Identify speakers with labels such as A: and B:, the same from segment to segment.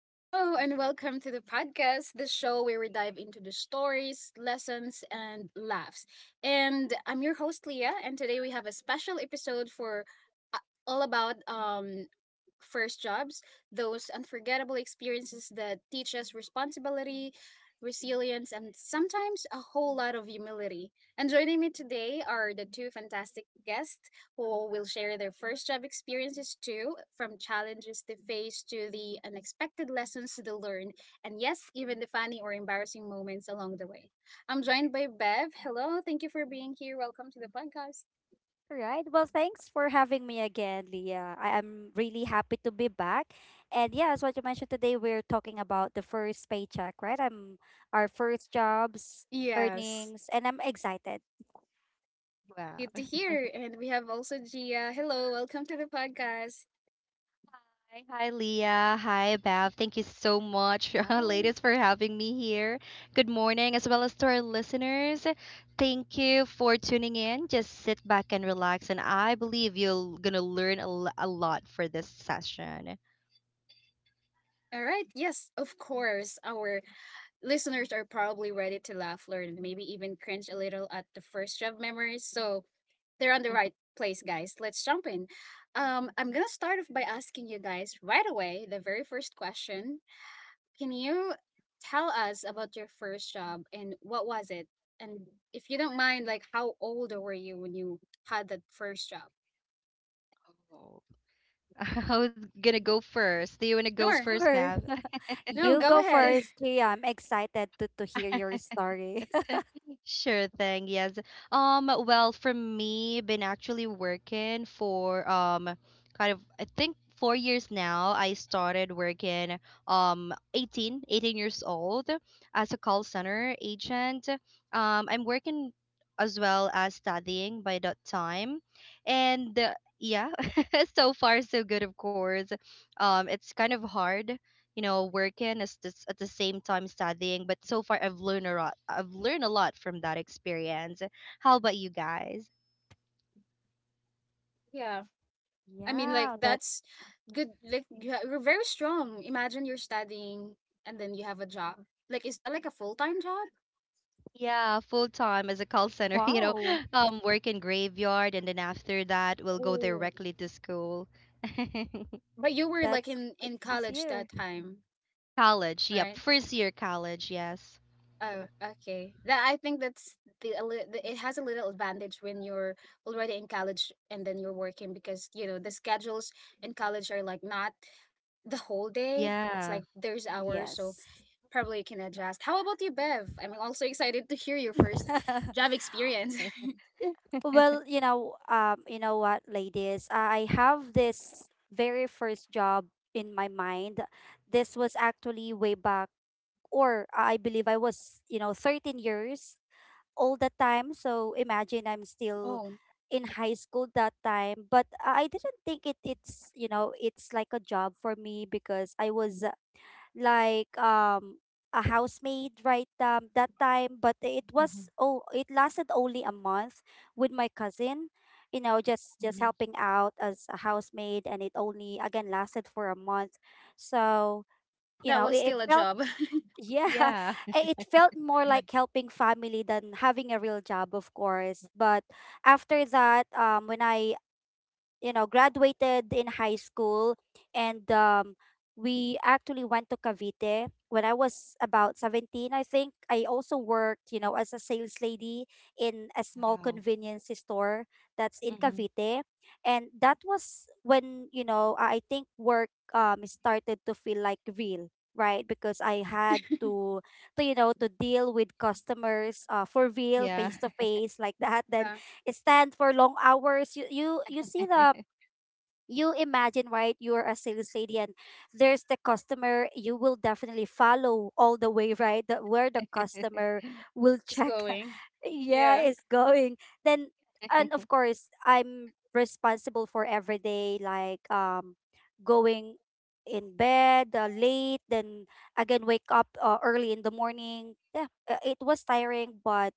A: Hello, and welcome to the podcast, the show where we dive into the stories, lessons, and laughs. And I'm your host, Leah, and today we have a special episode for uh, all about first jobs, those unforgettable experiences that teach us responsibility, resilience, and sometimes a whole lot of humility. And joining me today are the two fantastic guests who will share their first job experiences too, from challenges they faced to the unexpected lessons they learned, and yes, even the funny or embarrassing moments along the way. I'm joined by Bev. Hello, thank you for being here. Welcome to the podcast.
B: All right. Well, thanks for having me again, Leah. I am really happy to be back. And yeah, as what you mentioned today, we're talking about the first paycheck, right? I'm our first jobs,
A: Yes,
B: earnings, and I'm excited.
C: Wow.
A: good to hear. And we have also Gia. Hello, welcome to the podcast.
C: Hi, hi, Leah. Hi, Bev. Thank you so much,
B: Hi.
C: ladies, for having me here. Good morning, as well as to our listeners. Thank you for tuning in. Just sit back and relax, and I believe you're gonna learn a lot for this session.
A: All right, yes, of course, our listeners are probably ready to laugh, learn, and maybe even cringe a little at the first job memories. So they're on the right place, guys. Let's jump in. I'm gonna start off by asking you guys right away the very first question. Can you tell us about your first job and what was it? And if you don't mind, like how old were you when you had that first job?
C: Oh. I was gonna go first. Do you wanna go
A: Sure.
C: first,
B: Sure.
C: Bev?
A: No,
B: You
A: go
B: go
A: ahead.
B: first, Leah. I'm excited to hear your story.
C: Sure thing. Yes. Well, for me, been actually working for kind of I think 4 years now. I started working 18, 18 years old as a call center agent. I'm working as well as studying by that time. And Yeah, so far so good, of course. It's kind of hard, you know, working as this, at the same time studying, but so far I've learned a lot, from that experience. How about you guys?
A: Yeah. I mean, like
B: Yeah, that
A: that's good. Like you're very strong. Imagine you're studying and then you have a job. Like, is that like a full time job?
C: Yeah, full time as a call center.
B: wow.
C: Um, work in graveyard, and then after that, we'll go
A: Oh,
C: directly to school.
A: but you were like
B: That's
A: in
B: good
A: in
B: to
A: college that
B: hear.
A: time.
C: College, yep.
A: Right.
C: First year college. Yes.
A: Oh, okay. That I think that's the, a lit- the it has a little advantage when you're already in college and then you're working because you know the schedules in college are like not the whole day. It's
C: Yeah.
A: like there's hours, so
B: Yes.
A: probably you can adjust. How about you, Bev? I'm also excited to hear your first job experience.
B: Well, ladies, I have this very first job in my mind. This was actually way back, or I believe I was, 13 years old that time. So imagine I'm still
A: Oh,
B: in high school that time, but I didn't think it, it's, you know, it's like a job for me because I was like a housemaid, right? That time, but it
C: Mhm,
B: was, oh, it lasted only a month, with my cousin, you know just
C: mhm.
B: helping out as a housemaid, and it only, again, lasted for a month. So you
A: that
B: know
A: was
B: it, it
A: still a
B: felt,
A: job.
B: yeah,
C: Yeah.
B: it felt more like helping family than having a real job, of course. But after that, when I graduated in high school, and we actually went to Cavite when I was about 17, I think. I also worked, you know, as a sales lady in a small
C: Wow.
B: convenience store that's in
C: Mhm,
B: Cavite. And that was when, you know, I think work started to feel like real, right? Because I
C: mhm.
B: had to you know to deal with customers, for real,
C: Yeah.
B: face to face like that. Then
A: Yeah,
B: stand for long hours. You see the, you imagine, right? You're a sales lady and there's the customer, you will definitely follow all the way, right? Where the customer will
A: it's
B: check.
A: going.
B: Yeah,
A: Yeah.
B: it's going, then, and of course I'm responsible for every day, like going in bed late, then again wake up early in the morning. Yeah, it was tiring, but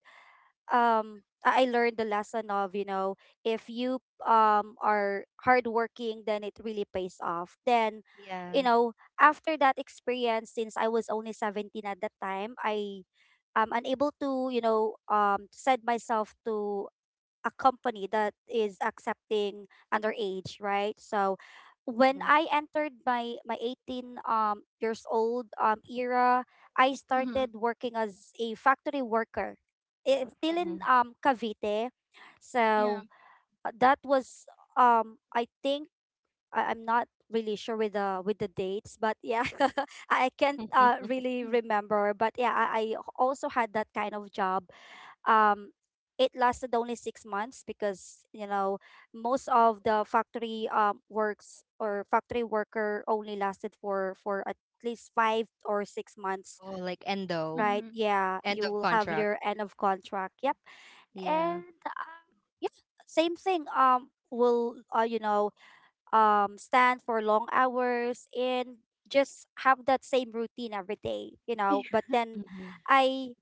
B: I learned the lesson of, you know, if you are hardworking, then it really pays off. Then,
C: Yeah.
B: you know, after that experience, since I was only 17 at that time, I am unable to, you know, set myself to a company that is accepting underage, right? So when
C: Mhm,
B: I entered my 18 years old era, I
A: Mm-hmm.
B: started working as a factory worker. It's still in
C: mhm.
B: Cavite.
A: Yeah.
B: So that was I think I'm not really sure with the dates, but yeah, I can't really remember. But yeah, I also had that kind of job. Um, it lasted only 6 months because, you know, most of the factory works or factory worker only lasted for at least 5 or 6 months,
C: Oh, like endo.
B: right?
A: Mm-hmm.
B: Yeah,
C: End
B: you
C: of
B: will have
C: contract.
B: your end of contract. Yep,
C: Yeah.
B: and same thing. Will you know Stand for long hours and just have that same routine every day, you know. But then
C: Mm-hmm.
B: I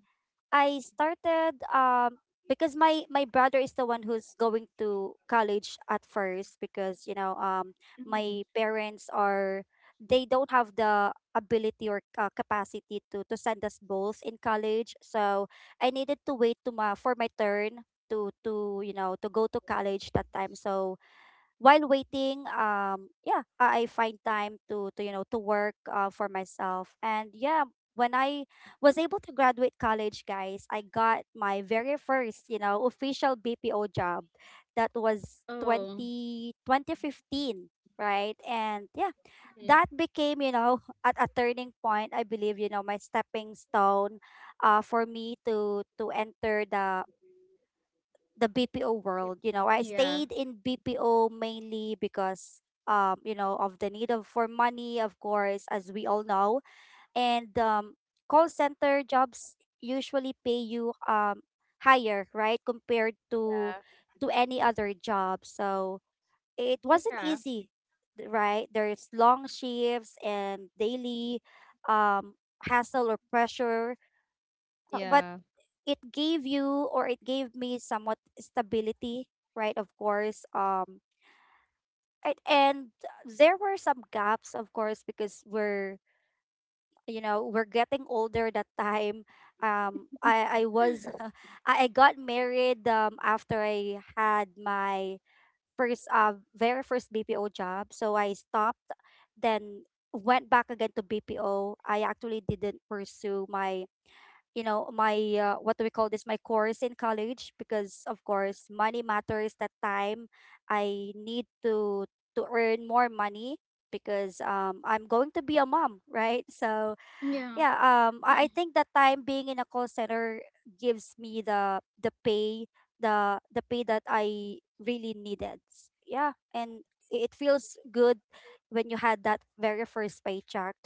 B: I started, because my brother is the one who's going to college at first, because, you know,
A: Mm.
B: my parents are, they don't have the ability or capacity to send us both in college. So I needed to wait to my for my turn to you know to go to college that time. So while waiting, I find time to you know to work for myself. And yeah, when I was able to graduate college, guys, I got my very first, you know, official BPO job. That was
A: Oh,
B: 20 2015, right? And yeah,
A: mhm.
B: that became, you know, at a turning point, I believe, you know, my stepping stone for me to enter the BPO world. You know, I
A: Yeah,
B: stayed in BPO mainly because, you know, of the need of for money, of course, as we all know. And call center jobs usually pay you higher, right, compared to
C: Yeah.
B: any other job. So it
A: yeah.
B: wasn't easy, right? There's long shifts and daily um hassle or pressure. But
C: Yeah.
B: it gave you, or it gave me, somewhat stability, right? Of course. And there were some gaps, of course, because we're, you know, we're getting older that time. I was I got married after I had my first very first BPO job. So I stopped, then went back again to BPO. I actually didn't pursue my, you know, my, what do we call this my course in college, because of course money matters that time. I need to earn more money because I'm going to be a mom. Right? So
A: Yeah.
B: yeah, I think that time being in a call center gives me the pay, the pay that I really needed. Yeah, and it feels good when you had that very first paycheck,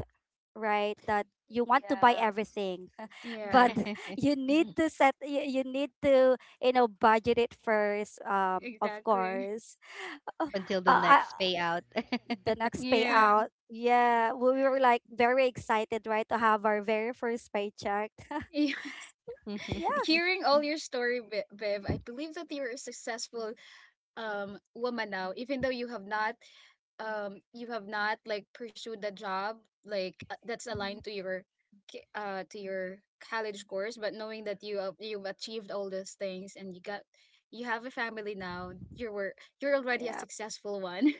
B: right? That you want to buy
C: Yeah.
B: everything, but
A: Yeah,
B: you need to you need to, you know, budget it first, of
A: exactly.
B: course. uh,
C: Until the
B: uh, I,
C: next payout.
B: the next
A: Yeah.
B: payout, yeah, we were like very excited, right, to have our very first paycheck.
A: Yeah.
C: mm-hmm.
B: Yeah.
A: Hearing all your story, Viv, I believe that you're a successful woman now, even though you have not like pursued a job like that's
B: Mhm.
A: aligned to your to your college course, but knowing that you've achieved all those things and you have a family now, you were you're already a
B: Yeah.
A: successful one,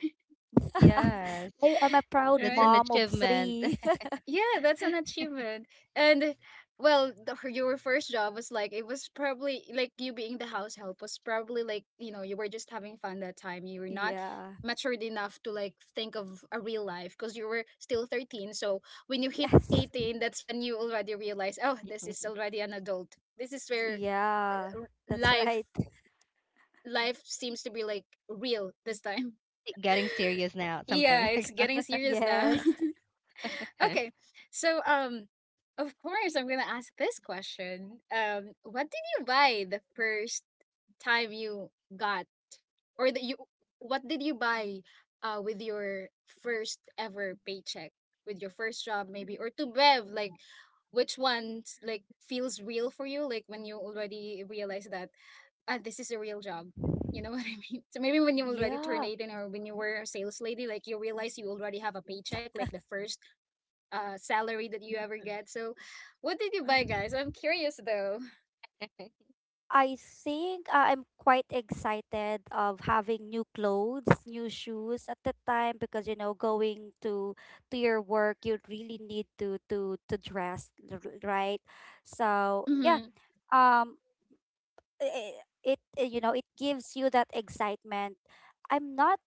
C: Yes.
B: I, I'm a proud
C: That's
A: right?
C: an
B: mom of
C: achievement.
B: three.
A: Yeah, that's an achievement. And well, your first job was like it was probably like you being the house help was probably like, you know, you were just having fun that time. You were not
B: Yeah.
A: matured enough to like think of a real life because you were still 13. So when you hit
B: Yes.
A: 18, that's when you already realize, oh, this is already an adult. This is where
B: Yeah, that's
A: life
B: right.
A: life seems to be like real this time.
C: Getting serious now,
A: Yeah,
C: something.
A: it's getting serious now.
B: Yes.
A: Okay. So, of course, I'm gonna ask this question. What did you buy the first time you got, or that you, what did you buy, with your first ever paycheck, with your first job maybe, or to Bev, like, which one like feels real for you, like when you already realize that ah, this is a real job. You know what I mean? So maybe when you already turned
B: Yeah.
A: 18 or when you were a sales lady, like you realize you already have a paycheck, like the first salary that you ever get. So, what did you buy, guys? I'm curious though.
B: I think, I'm quite excited of having new clothes, new shoes at the time, because you know, going to your work, you really need to dress right. So yeah,
A: Mm-hmm.
B: um, it, you know, it gives you that excitement. I'm not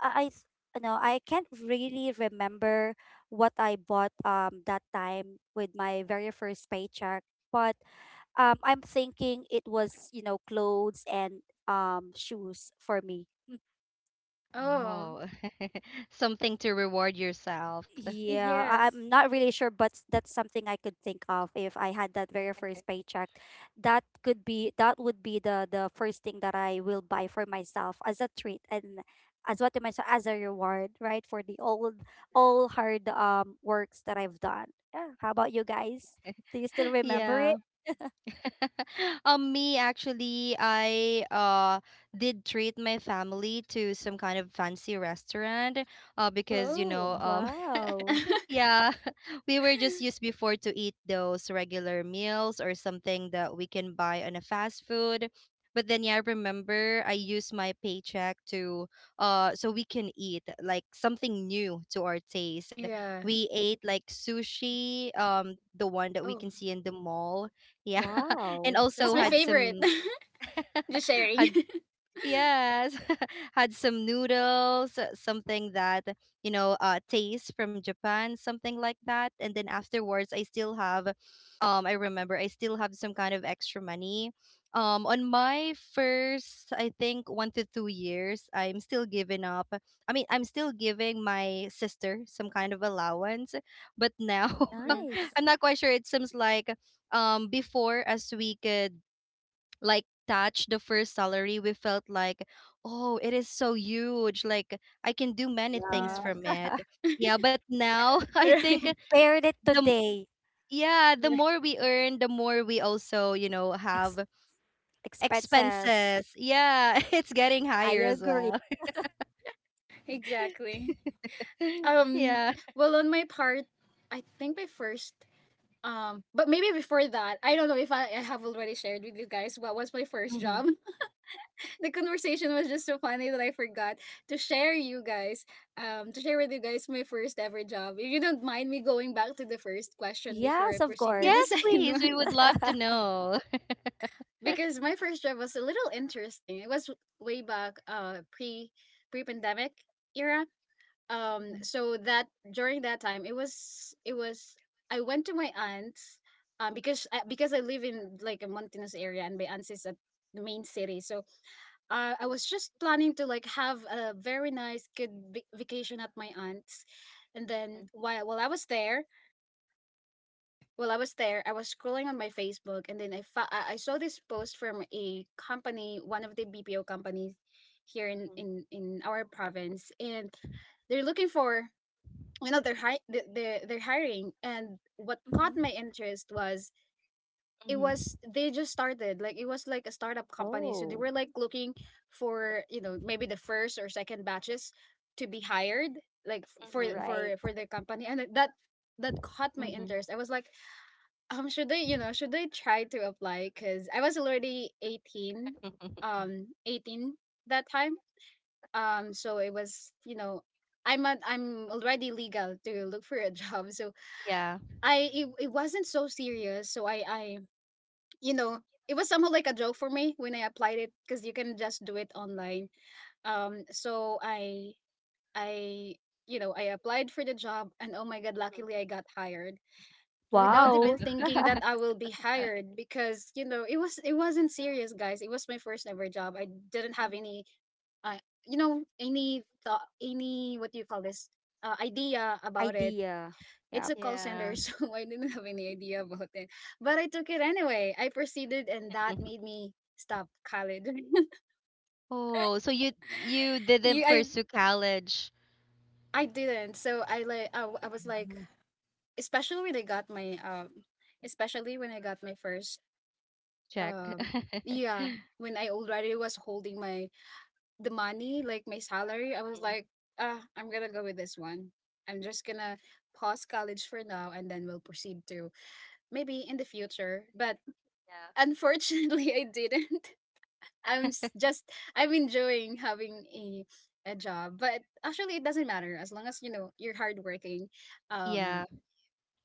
B: I I th- no I can't really remember what I bought that time with my very first paycheck, but I'm thinking it was, you know, clothes and shoes for me. Mm.
A: Oh,
C: Oh, something to reward yourself.
B: Yeah,
A: yes.
B: I'm not really sure, but that's something I could think of if I had that very first paycheck. That could be, that would be the first thing that I will buy for myself as a treat and as what to myself as a reward, right? For the old all hard works that I've done. Yeah. How about you guys? Do you still remember
C: Yeah.
B: it?
C: Me, actually, I did treat my family to some kind of fancy restaurant, because, you know,
A: Oh.
B: Wow.
C: yeah, we were just used before to eat those regular meals or something that we can buy on a fast food. But then, yeah, I remember I used my paycheck to, so we can eat like something new to our taste.
A: Yeah.
C: We ate like sushi, um, the one that we
A: Oh,
C: can see in the mall. Yeah. And
B: Wow.
A: that's
C: also
A: my
C: had
A: favorite.
C: some—
A: Just sharing.
C: had— yes, had some noodles, something that, you know, taste from Japan, something like that. And then afterwards, I still have, um, I remember I still have some kind of extra money, um, on my first, I think, 1 to 2 years, I'm still giving my sister some kind of allowance. But now
A: Mhm.
B: Nice.
C: I'm not quite sure, it seems like, um, before, as we could like touch the first salary, we felt like, oh, it is so huge, like I can do many things
A: Yeah.
B: Yeah.
C: from it. Yeah, but now I think
A: Right.
B: Compared it
C: the m-
B: today.
C: yeah, the
B: Right.
C: more we earn, the more we also, you know,
B: Ex-
C: have
B: Expenses.
C: expenses. Yeah. It's getting
B: I
C: higher as
B: agree.
C: well.
A: Exactly. Um
C: Yeah.
A: well on my part, I think my first but maybe before that, I don't know if I, I have already shared with you guys what was my first
C: Mm-hmm.
A: job. The conversation was just so funny that I forgot to share you guys, to share with you guys my first ever job. If you don't mind me going back to the first question before I
B: Yes, of
A: proceed to the
B: course.
C: Yes,
A: second
C: please,
A: one,
C: we would love to know.
A: because my first job was a little interesting. It was way back, pre pandemic era. So that during that time, it was I went to my aunt's, because I live in like a mountainous area and my aunt's is at the main city, so I was just planning to like have a very nice good vacation at my aunt's, and then while I was there, while I was there, I was scrolling on my Facebook, and then I fa- I saw this post from a company, one of the BPO companies here in in our province, and they're looking for you know they're hiring, and what caught
B: Mhm.
A: my interest was it
C: Mm-hmm.
A: was they just started like it was like a startup company so they
B: Oh.
A: were like looking for you know maybe the first or second batches to be hired like f- for
C: Mm-hmm.
B: Right.
A: for for the company, and that caught my
C: Mm-hmm.
A: interest. I was like should I you know should I try to apply because I was already 18,
C: Mm-hmm.
A: um 18 that time. Um, so it was you know I'm already legal to look for a job. So
C: Yeah.
A: it wasn't so serious so I you know, it was somehow like a joke for me when I applied it because you can just do it online. So I, you know, I applied for the job, and oh my god,
C: Mhm.
A: luckily I got hired without
C: Wow.
B: Wow.
A: even thinking that I will be hired because you know it wasn't serious, guys. It was my first ever job. I didn't have any, uh, you know, any thought, any what do you call this, idea about it.
B: Idea. Yeah.
A: It's a call
C: Yeah.
A: center, so I didn't have any idea about it. But I took it anyway. I proceeded, and that made me stop college.
C: Oh, so you didn't
A: Yeah,
C: pursue college.
A: I didn't. So I like I, w- I was like,
C: Mhm.
A: especially when I got my um, especially when I got my first
C: Check.
A: um, yeah, when I already was holding my the money like my salary, I was
C: Mhm.
A: like, ah, I'm gonna go with this one. I'm just gonna pause college for now, and then we'll proceed to maybe in the future. But
C: Yeah.
A: unfortunately, I didn't. I'm s- just I'm enjoying having a job, but actually it doesn't matter as long as you know you're hardworking,
C: Yeah.
A: um,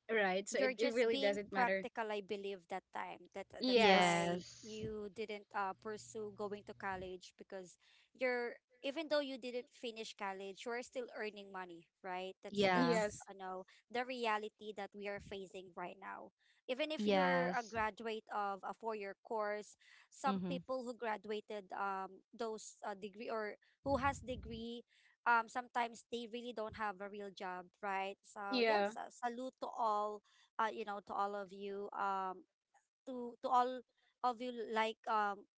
A: right? So
B: You're
A: it
B: just
A: really
B: being
A: doesn't matter.
B: practical, I believe, that time. That that's
A: Yes,
B: why
C: Yes.
B: you didn't, pursue going to college, because you're, even though you didn't finish college, you're still earning money, right? that's
C: Yeah.
B: that's
A: yes,
B: you know, the reality that we are facing right now. Even if you're a
C: Yes.
B: graduate of a 4 year course, some
C: Mm-hmm.
B: people who graduated, those degree or who has degree, sometimes they really don't have a real job, right? So
A: yeah,
B: yes. Yeah, salute to all, you know, to all of you, to all of you, like,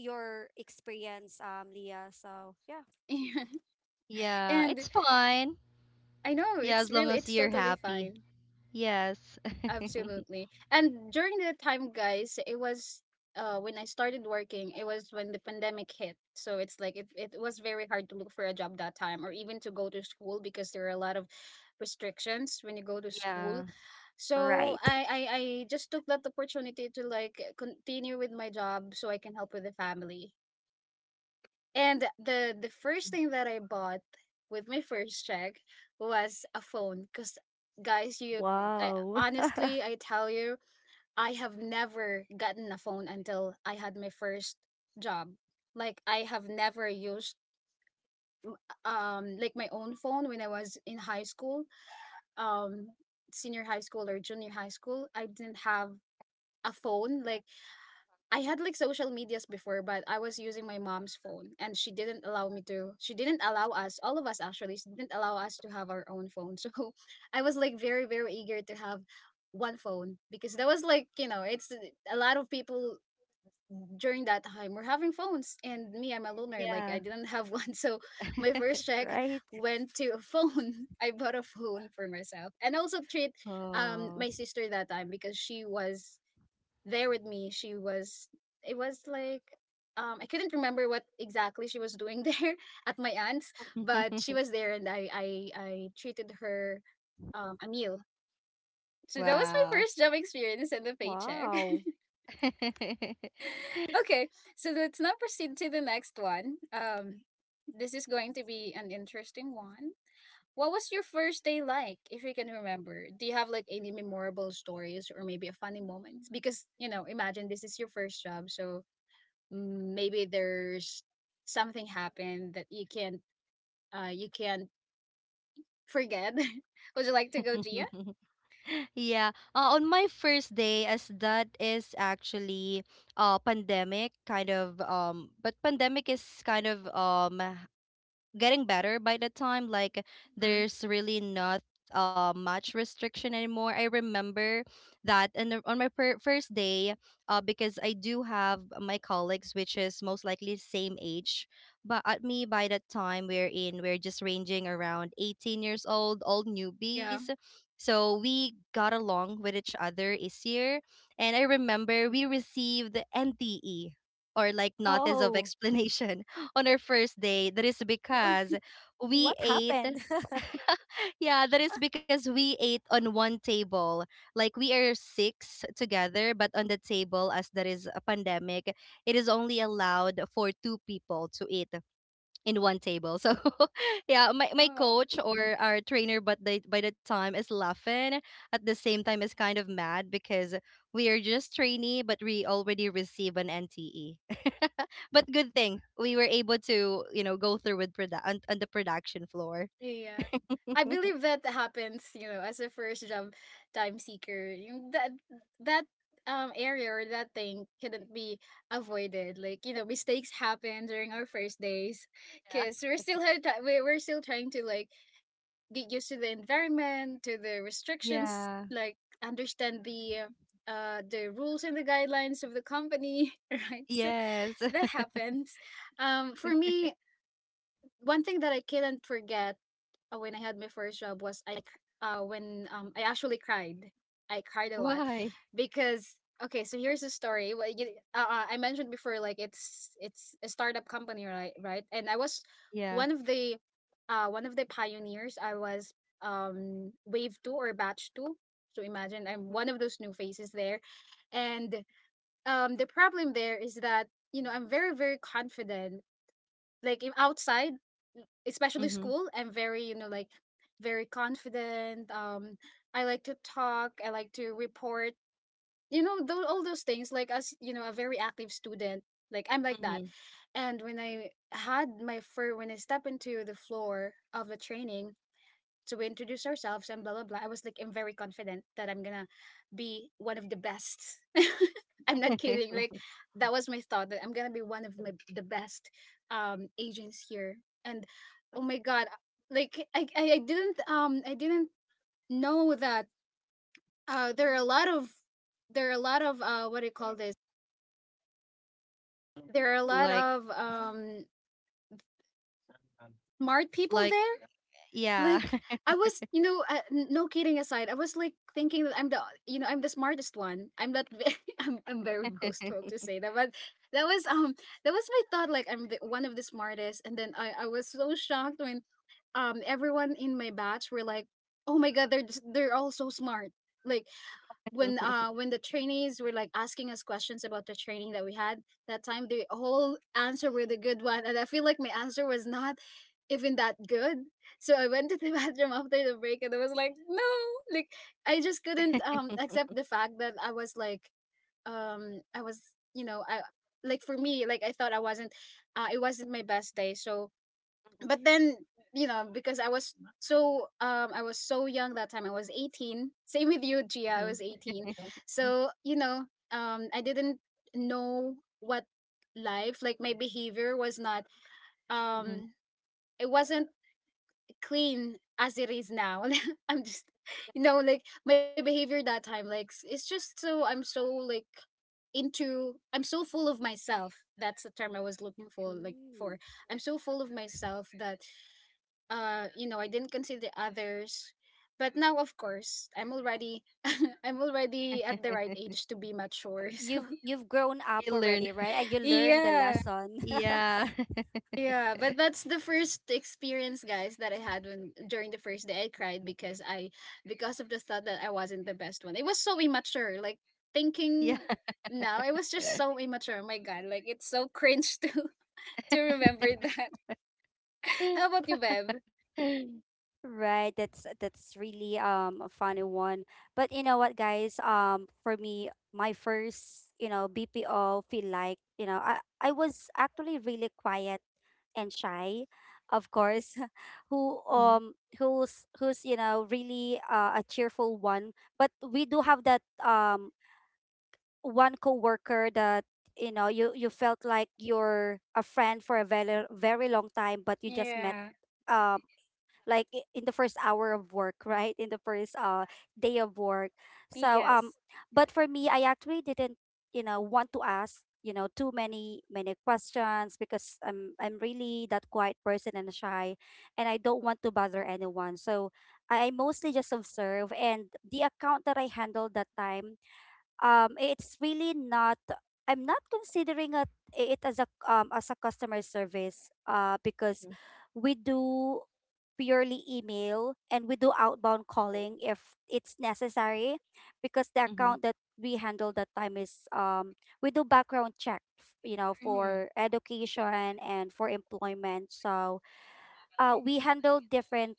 B: your experience, Leah. So yeah,
C: Yeah,
A: and
C: it's fine.
A: I know
C: Yeah,
A: it's
C: as long
A: really
C: as
A: it's
C: you're
A: totally
C: happy.
A: fine.
C: Yes.
A: Absolutely. And during that time, guys, it was when I started working, it was when the pandemic hit. So it's like it was very hard to look for a job that time or even to go to school because there are a lot of restrictions when you go to school.
C: Yeah.
A: So
B: right.
A: I just took that opportunity to like continue with my job so I can help with the family. And the first thing that I bought with my first check was a phone because guys you
C: Oh.
A: I
B: Wow.
A: honestly I tell you I have never gotten a phone until I had my first job. Like I have never used like my own phone when I was in high school, um senior high school or junior high school. I didn't have a phone. Like I had like social medias before, but I was using my mom's phone, and she didn't allow us, all of us actually, she didn't allow us to have our own phone. So I was like very, very eager to have one phone because that was like, you know, it's a lot of people during that time we're having phones and me I'm a loner like I
C: Yeah.
A: didn't have one. So my first check
B: Right.
A: went to a phone. I bought a phone for myself and also treat
C: Oh.
A: my sister that time because she was there with me she was it was like I couldn't remember what exactly she was doing there at my aunt's, but she was there, and I treated her a meal. So that was my
C: Wow.
A: first job experience and the paycheck.
B: Wow.
A: Okay, so let's now proceed to the next one. This is going to be an interesting one. What was your first day like, if you can remember? Do you have like any memorable stories or maybe a funny moment? Because you know, imagine this is your first job, so mm, maybe there's something happened that you can't forget. Would you like to go, Gia?
C: Yeah. On my first day, as that is actually pandemic, kind of, but pandemic is kind of, um, getting better by the time, like
A: Mhm.
C: there's really not much restriction anymore. I remember that. And on first day, because I do have my colleagues, which is most likely same age, but at me by that time, we're just ranging around 18 years old, all newbies.
A: Yeah.
C: So we got along with each other easier. And I remember we received the NTE, or like notice of
B: Oh.
C: explanation, on our first day. That is because we
B: What
C: ate—
B: happened?
C: yeah, that is because we ate on one table. Like we are six together, but on the table, as there is a pandemic, it is only allowed for two people to eat in one table. So yeah, my
A: Oh.
C: coach or our trainer, but the by the time, is laughing, at the same time is kind of mad, because we are just trainee, but we already receive an NTE. But good thing we were able to, you know, go through with on the production floor.
A: Yeah. I believe that happens, you know, as a first job time seeker. Yung That area or that thing couldn't be avoided. Like, you know, mistakes happen during our first days
C: Yeah.
A: because we're still had ti- we- we're still trying to like get used to the environment, to the restrictions,
C: Yeah.
A: like understand the rules and the guidelines of the company, right? So
C: Yes.
A: that happens. For me, one thing that I couldn't forget when I had my first job was when I actually cried. I cried a lot
C: Why?
A: because okay, so here's the story. Well, I mentioned before like it's a startup company, right, and I was
C: Yeah.
A: one of the one of the pioneers. I was wave 2 or batch 2. So imagine I'm one of those new faces there, and the problem there is that, you know, I'm very, very confident, like in outside, especially
C: Mm-hmm.
A: school. I'm very, you know, like very confident. I like to talk, I like to report, you know, all those things, like as you know, a very active student. Like, I'm like that.
C: Mm-hmm.
A: And when I had my fur when I step into the floor of the training, so we introduced ourselves and blah blah blah. I was like, I'm very confident that I'm gonna be one of the best. I'm not kidding, like, that was my thought, that I'm gonna be one of the best agents here. And oh my god, like I didn't know that there are a lot of, there are a lot of, what do you call this, there are a lot
C: Like,
A: of smart people
C: like,
A: there.
C: yeah.
A: Like, I was, you know, no kidding aside, I was like thinking that I'm the smartest one. I'm not, very, I'm very boastful to say that, but that was um, that was my thought. Like, one of the smartest. And then, I was so shocked when everyone in my batch were like, oh my god, they're all so smart. Like, when the trainees were like asking us questions about the training that we had that time, the whole answer were the good one, and I feel like my answer was not even that good. So I went to the bathroom after the break, and I was like, no, like, I just couldn't accept the fact that I was like, I was, you know, I, like, for me, like, I thought I wasn't, it wasn't my best day. So, but then, you know, because I was so young that time. I was 18, same with you, Gia. I was
C: Mm-hmm.
A: 18. So, you know, I didn't know what life, like my behavior was not,
C: Mm-hmm.
A: um, it wasn't clean as it is now. I'm just, you know, like my behavior that time, like, it's just so, I'm so, like, I'm so full of myself. That's the term I was looking for, like, for.
B: Mm.
A: I'm so full of myself that, you know, I didn't consider others. But now, of course, I'm already I'm already at the right age to be mature.
B: You've grown
C: He
B: up
C: learn.
B: already, right? And you learned the
A: Yeah.
B: lesson.
C: Yeah.
A: Yeah, but that's the first experience, guys, that I had. When, during the first day, I cried because I because of the thought that I wasn't the best one. It was so immature, like
C: Yeah.
A: thinking now, it was just so immature. Oh my god, like, it's so cringe to remember that. How about you, Bev?
B: Right, that's really, a funny one. But you know what, guys? For me, my first, you know, BPO feel like, you know, I was actually really quiet and shy, of course, who's, you know, really, a cheerful one. But we do have that one coworker that, you know, you felt like you're a friend for a very very long time, but you just met.
A: Yeah.
B: um like, in the first hour of work, right? In the first day of work. So
A: Yes.
B: but for me, I actually didn't, you know, want to ask, you know, too many questions because I'm really that quiet person and shy and I don't want to bother anyone. So I mostly just observe. And the account that I handled that time, it's really not, I'm not considering it as a customer service, because we do purely email and we do outbound calling if it's necessary, because the
C: Mm-hmm.
B: account that we handle that time is, um, we do background check you know,
A: Mm.
B: for education and for employment. So we handle different,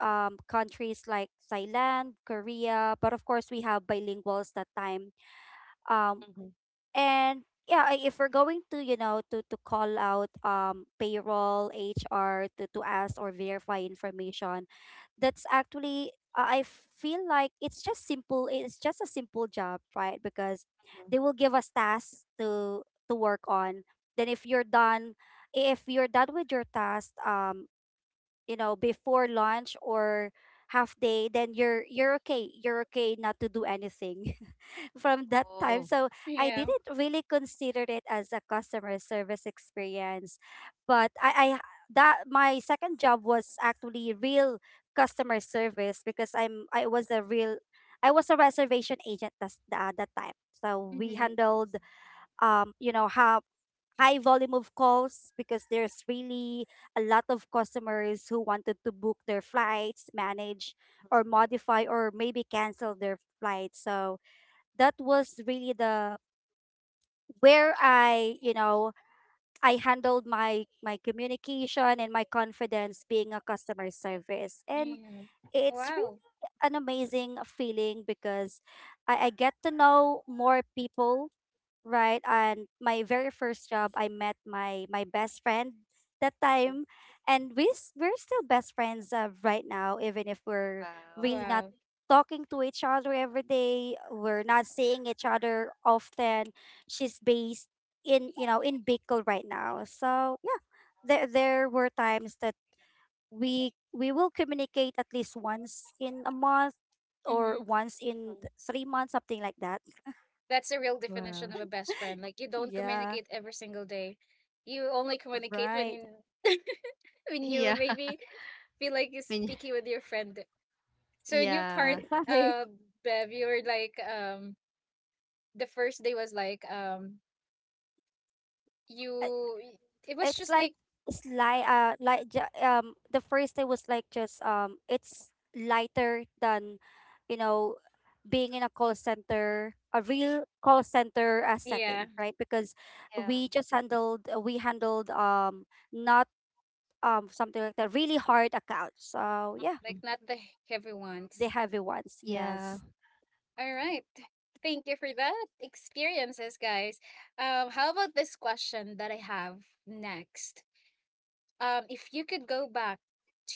B: um, countries like Thailand, Korea, but of course we have bilinguals that time. um
C: Mm-hmm.
B: and yeah, if we're going to, you know, to call out, um, payroll HR to ask or verify information, that's actually, I feel like it's just simple. It's just a simple job, right? Because they will give us tasks to work on. Then if you're done with your task, um, you know, before lunch or half day, then you're okay, you're okay not to do anything from that time.
C: Oh,
B: So I
A: Yeah.
B: didn't really consider it as a customer service experience. But I, that my second job was actually real customer service. Because I was a real, I was a reservation agent, that's at that time. So we
A: Mm-hmm.
B: handled, um, you know, how high volume of calls, because there's really a lot of customers who wanted to book their flights, manage or modify or maybe cancel their flights. So that was really the where I, you know, I handled my my communication and my confidence being a customer service. And
A: Yeah.
B: it's really
A: Wow.
B: an amazing feeling because I get to know more people, right? And my very first job, I met my my best friend that time, and we're still best friends, right now, even if we're
C: wow.
B: really not
A: Wow.
B: talking to each other every day. We're not seeing each other often. She's based in, you know, in Bicol right now. So yeah, there were times that we will communicate at least once in a month or once in 3 months, something like that.
A: That's the real
C: Wow.
A: definition of a best friend. Like, you don't
C: Y—
B: Yeah.
A: communicate every single day. You only communicate when
B: Right.
A: you when you
C: yeah. I
A: maybe feel like you're
C: mean,
A: speaking with your friend. So in your part,
C: yeah.
B: Right.
A: uh, Bev, you were like, the first day was like,
B: Uh,
A: you, it was
B: It's
A: just
B: like,
A: like,
B: it's light, like um, the first day was like just, um, it's lighter than, you know, being in a call center, a real call center,
A: yeah,
B: setting, right? Because
C: Yeah.
B: we just handled, we handled, um, not, um, something like that really hard accounts. So yeah,
A: like
C: Mm.
A: not the heavy
B: the
A: ones.
B: heavy ones,
C: Yeah.
B: yes.
A: All right. Thank you for that experiences, guys. How about this question that I have next? If you could go back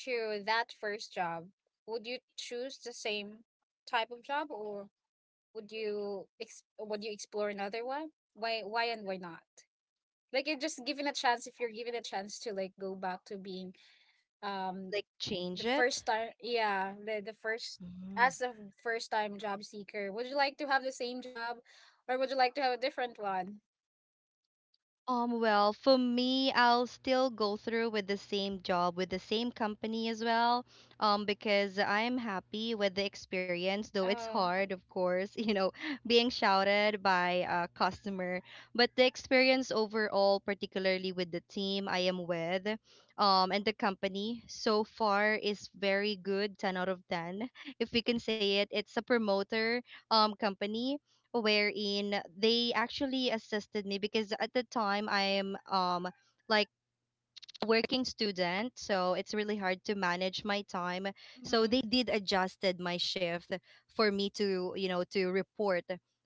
A: to that first job, would you choose the same type of job, or would you explore another one? Why and why not? Like, you're just given a chance if you're given a chance to, like, go back to being, um
C: Like,
A: the
C: change it.
A: first time, yeah, the first, as a first time job seeker, would you like to have the same job, or would you like to have a different one?
C: Well, for me, I'll still go through with the same job, with the same company as well. Because I'm happy with the experience, though it's
A: Oh,
C: hard, of course, you know, being shouted by a customer. But the experience overall, particularly with the team I am with, and the company so far is very good, 10 out of 10. If we can say it, it's a promoter company, wherein they actually assisted me, because at the time I am, um, like working student, so it's really hard to manage my time. So
A: mm-hmm.
C: they did adjusted my shift for me to, you know, to report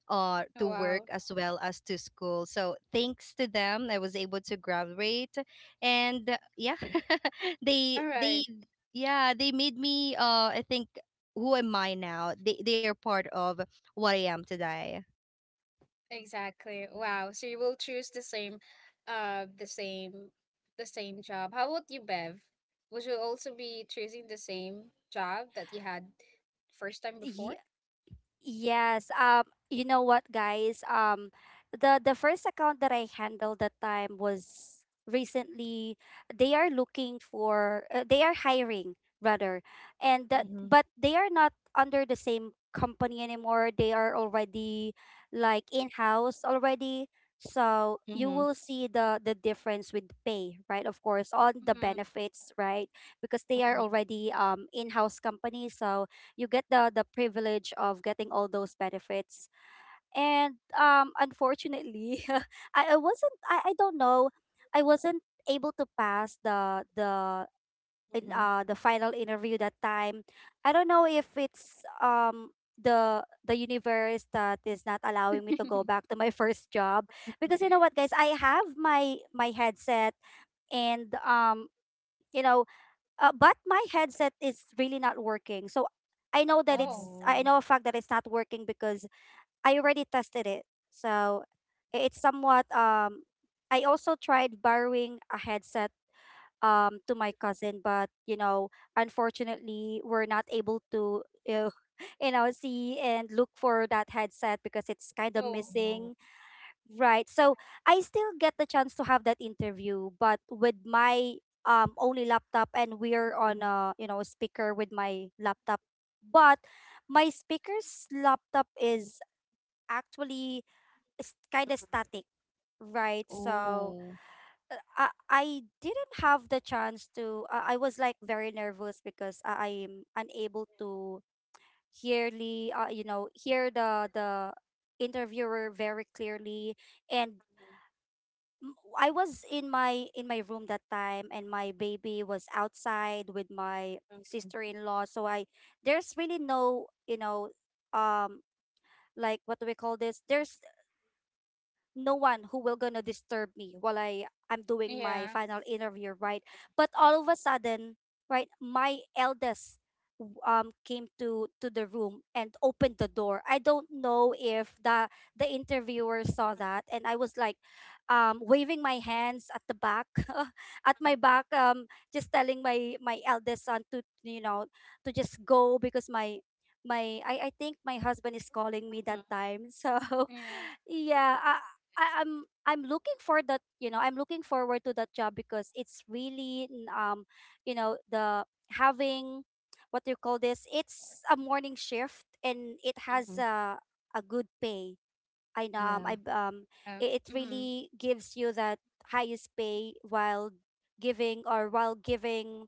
C: to
A: Oh,
C: work
A: wow.
C: as well as to school. So thanks to them, I was able to graduate. And yeah, they
A: All
C: they
A: right.
C: yeah, they made me, I think, who am I now. They are part of what I am today.
A: Exactly. Wow. So you will choose the same, the same, the same job. How about you, Bev? Would you also be choosing the same job that you had first time before?
B: Yes. You know what, guys? The first account that I handled that time was recently. They are looking for. They are hiring rather, and that but they are not under the same company anymore. They are already like in house already. So you
C: Mhm,
B: will see the difference with pay, right? Of course, on the
A: Mm-hmm.
B: benefits, right? Because they are
C: mhm,
B: already, um, in house company. So you get the privilege of getting all those benefits. And unfortunately, I wasn't I don't know, I wasn't able to pass the in
C: mhm,
B: the final interview that time. I don't know if it's, um, the universe that is not allowing me to go back to my first job. Because you
C: mhm.
B: know what, guys, I have my my headset. And um, you know, but my headset is really not working. So I know that
A: Oh.
B: it's,
C: Oh,
B: I know a fact that it's not working, because I already tested it. So it's somewhat, um, I also tried borrowing a headset, um, to my cousin. But you know, unfortunately we're not able to, uh, you know, see and look for that headset, because it's kind of
A: Oh.
C: oh.
B: missing. Right. So I still get the chance to have that interview, but with my, um, only laptop, and we're on
C: Mhm,
B: a, you know, a speaker with my laptop. But my speaker's laptop is actually kind of
C: mhm.
B: static, right? So
C: Oh.
B: uh, I didn't have the chance to. I was like very nervous because I am unable to hearly, you know, hear the interviewer very clearly. And I was in my room that time, and my baby was outside with my
C: Mhm,
B: sister-in-law. So I, there's really no, you know, um, like what do we call this, there's no one who will gonna disturb me while I'm doing my
A: Yeah.
B: final interview, right? But all of a sudden, right, my eldest, came to the room and opened the door. I don't know if the the interviewer saw that. And I was like, um, waving my hands at the back at my back, um, just telling my my eldest son to, you know, to just go, because my, I think my husband is calling me
C: mhm,
B: that time. So
A: Yeah.
B: yeah, I'm I'm looking for that, you know, I'm looking forward to that job, because it's really you know, the having, what do you call this, it's a morning shift and it has
C: mhm.
B: a good pay. I know, I
C: Yeah.
A: Yeah.
B: it, it
A: Mm-hmm.
B: really gives you that highest pay while giving, or while giving,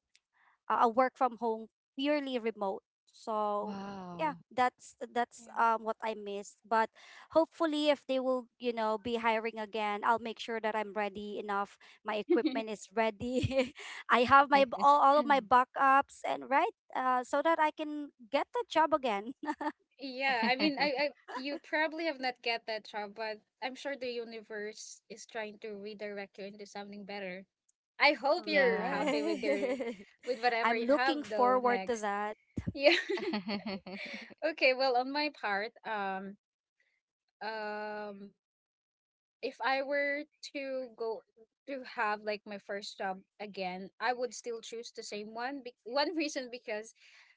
B: work from home, purely remote. So yeah,
C: Wow.
B: that's, um, what I missed. But hopefully, if they will, you know, be hiring again, I'll make sure that I'm ready enough. My
A: Yeah.
B: equipment is ready. I have my all of my backups and right, so that I can get the job again.
A: Yeah, I mean, I, you probably have not get that job, but I'm sure the universe is trying to redirect you into something better. I hope you're
C: Yeah.
A: happy with your,
B: Right.
A: with whatever
B: I'm
A: you
B: looking
A: have though
B: forward to
A: next.
B: that.
A: Yeah. Okay. Well, on my part, um, if I were to go to have like my first job again, I would still choose the same one. One reason, because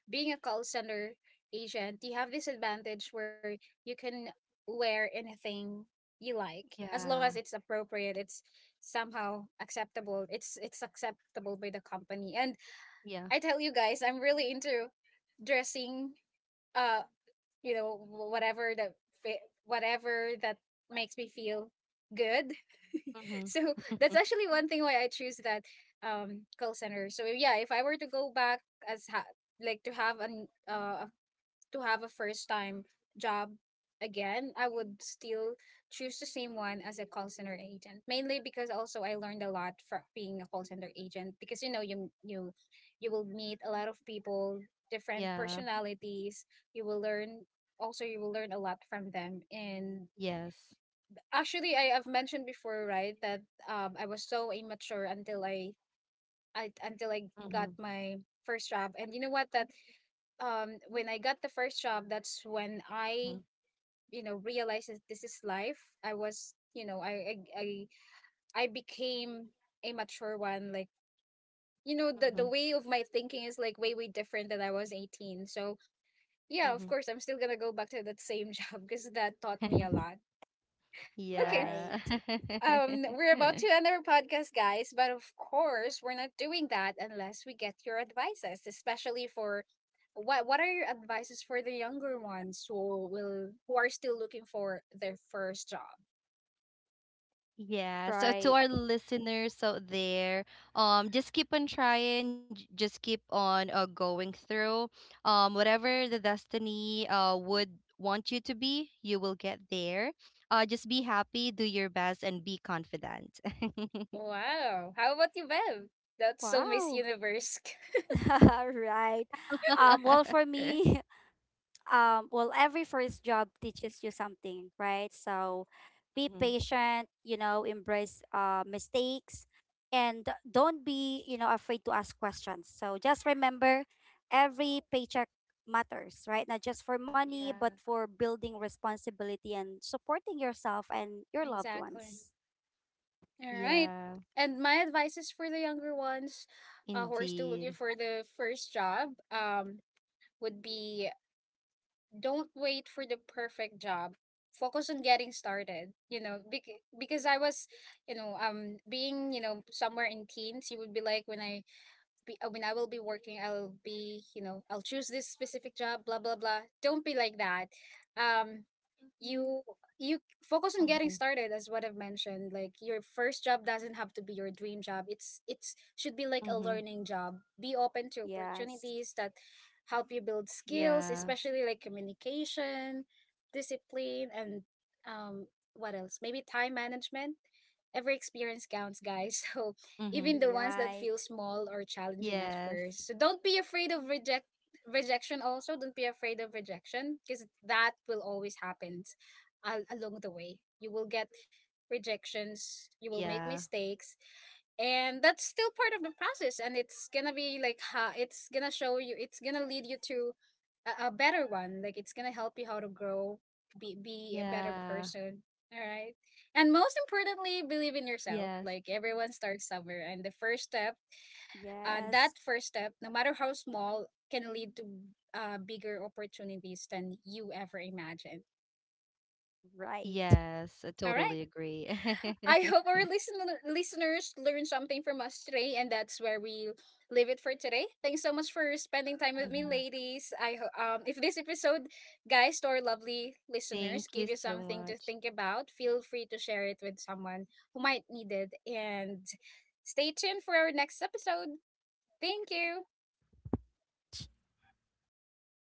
A: being a call center agent, you have this advantage where you can wear anything you like, as long as
C: Yeah.
A: it's appropriate, it's somehow acceptable, it's acceptable by the company. And
C: Yeah.
A: I tell you guys, I'm really into dressing, uh you know, whatever whatever that makes me feel good.
C: Mhm.
A: So that's actually one thing why I choose that call center. So yeah, if I were to go back as ha- like to have a first time job again, I would still choose the same one as a call center agent. Mainly because also I learned a lot from being a call center agent, because you know, you will meet a lot of people, different
C: Yeah.
A: personalities. You will learn you will learn a lot from them. And
C: Yes.
A: actually, I have mentioned before, right, that I was so immature until I until I got
C: Mhm,
A: my first job. And you know what, that, when I got the first job, that's when I,
C: mhm,
A: you know, realized that this is life. I was, you know, I became a mature one. Like, you know, the
C: mhm,
A: way of my thinking is like way, way different than I was 18. So
C: mhm,
A: yeah, of
C: mhm.
A: course, I'm still gonna go back to that same job, because that taught me a lot. Okay.
B: Right.
C: Yeah.
A: We're about to end our podcast, guys, but of course, we're not doing that unless we get your advices, especially for, what are your advices for the younger ones, who are still looking for their first job?
C: Yeah, so to
B: Right.
C: our listeners out there, just keep on trying, just keep on going through. Whatever the destiny, uh, would want you to be, you will get there. Just be happy, do your best, and be confident.
A: Wow. How about you, Bev? That's so Miss
B: Wow.
A: Universe.
B: Right. Well,
C: Mhm.
B: for me, well, every first job teaches you something, right? So be patient, you know, embrace mistakes, and don't be, you know, afraid to ask questions. So just remember, every paycheck matters, right? Not just for money, but
C: Yeah,
B: for building responsibility and supporting yourself and your loved
A: Exactly.
B: ones.
A: All right.
C: yeah,
A: And my advice is for the younger ones, who are still looking
C: indeed.
A: for the first job, would be, don't wait for the perfect job. Focus on getting started, you know, because I was, you know, being, you know, somewhere in teens, you would be like, when I be I mean, I will be working, I'll be, you know, I'll choose this specific job, blah blah blah. Don't be like that. Um you you focus on getting
C: Mm-hmm.
A: started, as what I've mentioned. Like, your first job doesn't have to be your dream job. It's should be like a
C: Mm-hmm.
A: learning job. Be open to
B: Yes.
A: opportunities that help you build skills,
C: Yeah.
A: especially like communication, discipline and, um what else? Maybe time management. Every experience counts, guys. So
C: Mm-hmm.
A: even the ones that feel
B: Right.
A: small or challenging at
C: Yes.
A: first. So don't be afraid of rejection also. Don't be afraid of rejection, because that will always happen along the way. You will get rejections, you will make
C: Yeah.
A: mistakes, and that's still part of the process, and it's gonna be like ha it's gonna show you, it's gonna lead you to a better one, like it's gonna help you how to grow, be a better
C: Yeah.
A: person. All right. And most importantly, believe in yourself.
C: Yes.
A: Like, everyone starts somewhere, and the first step,
B: Yes.
A: that first step, no matter how small, can lead to, bigger opportunities than you ever imagined.
B: Right.
C: Yes, I
A: All right.
C: totally agree.
A: I hope our listeners learn something from us today, and that's where we leave it for today. Thanks so much for spending time with me,
C: Mhm.
A: ladies. If this episode, guys, to our lovely listeners,
C: Thank
A: gave
C: you
A: you
C: so
A: something to
C: much.
A: think about, feel free to share it with someone who might need it, and stay tuned for our next episode. Thank you.
C: Thank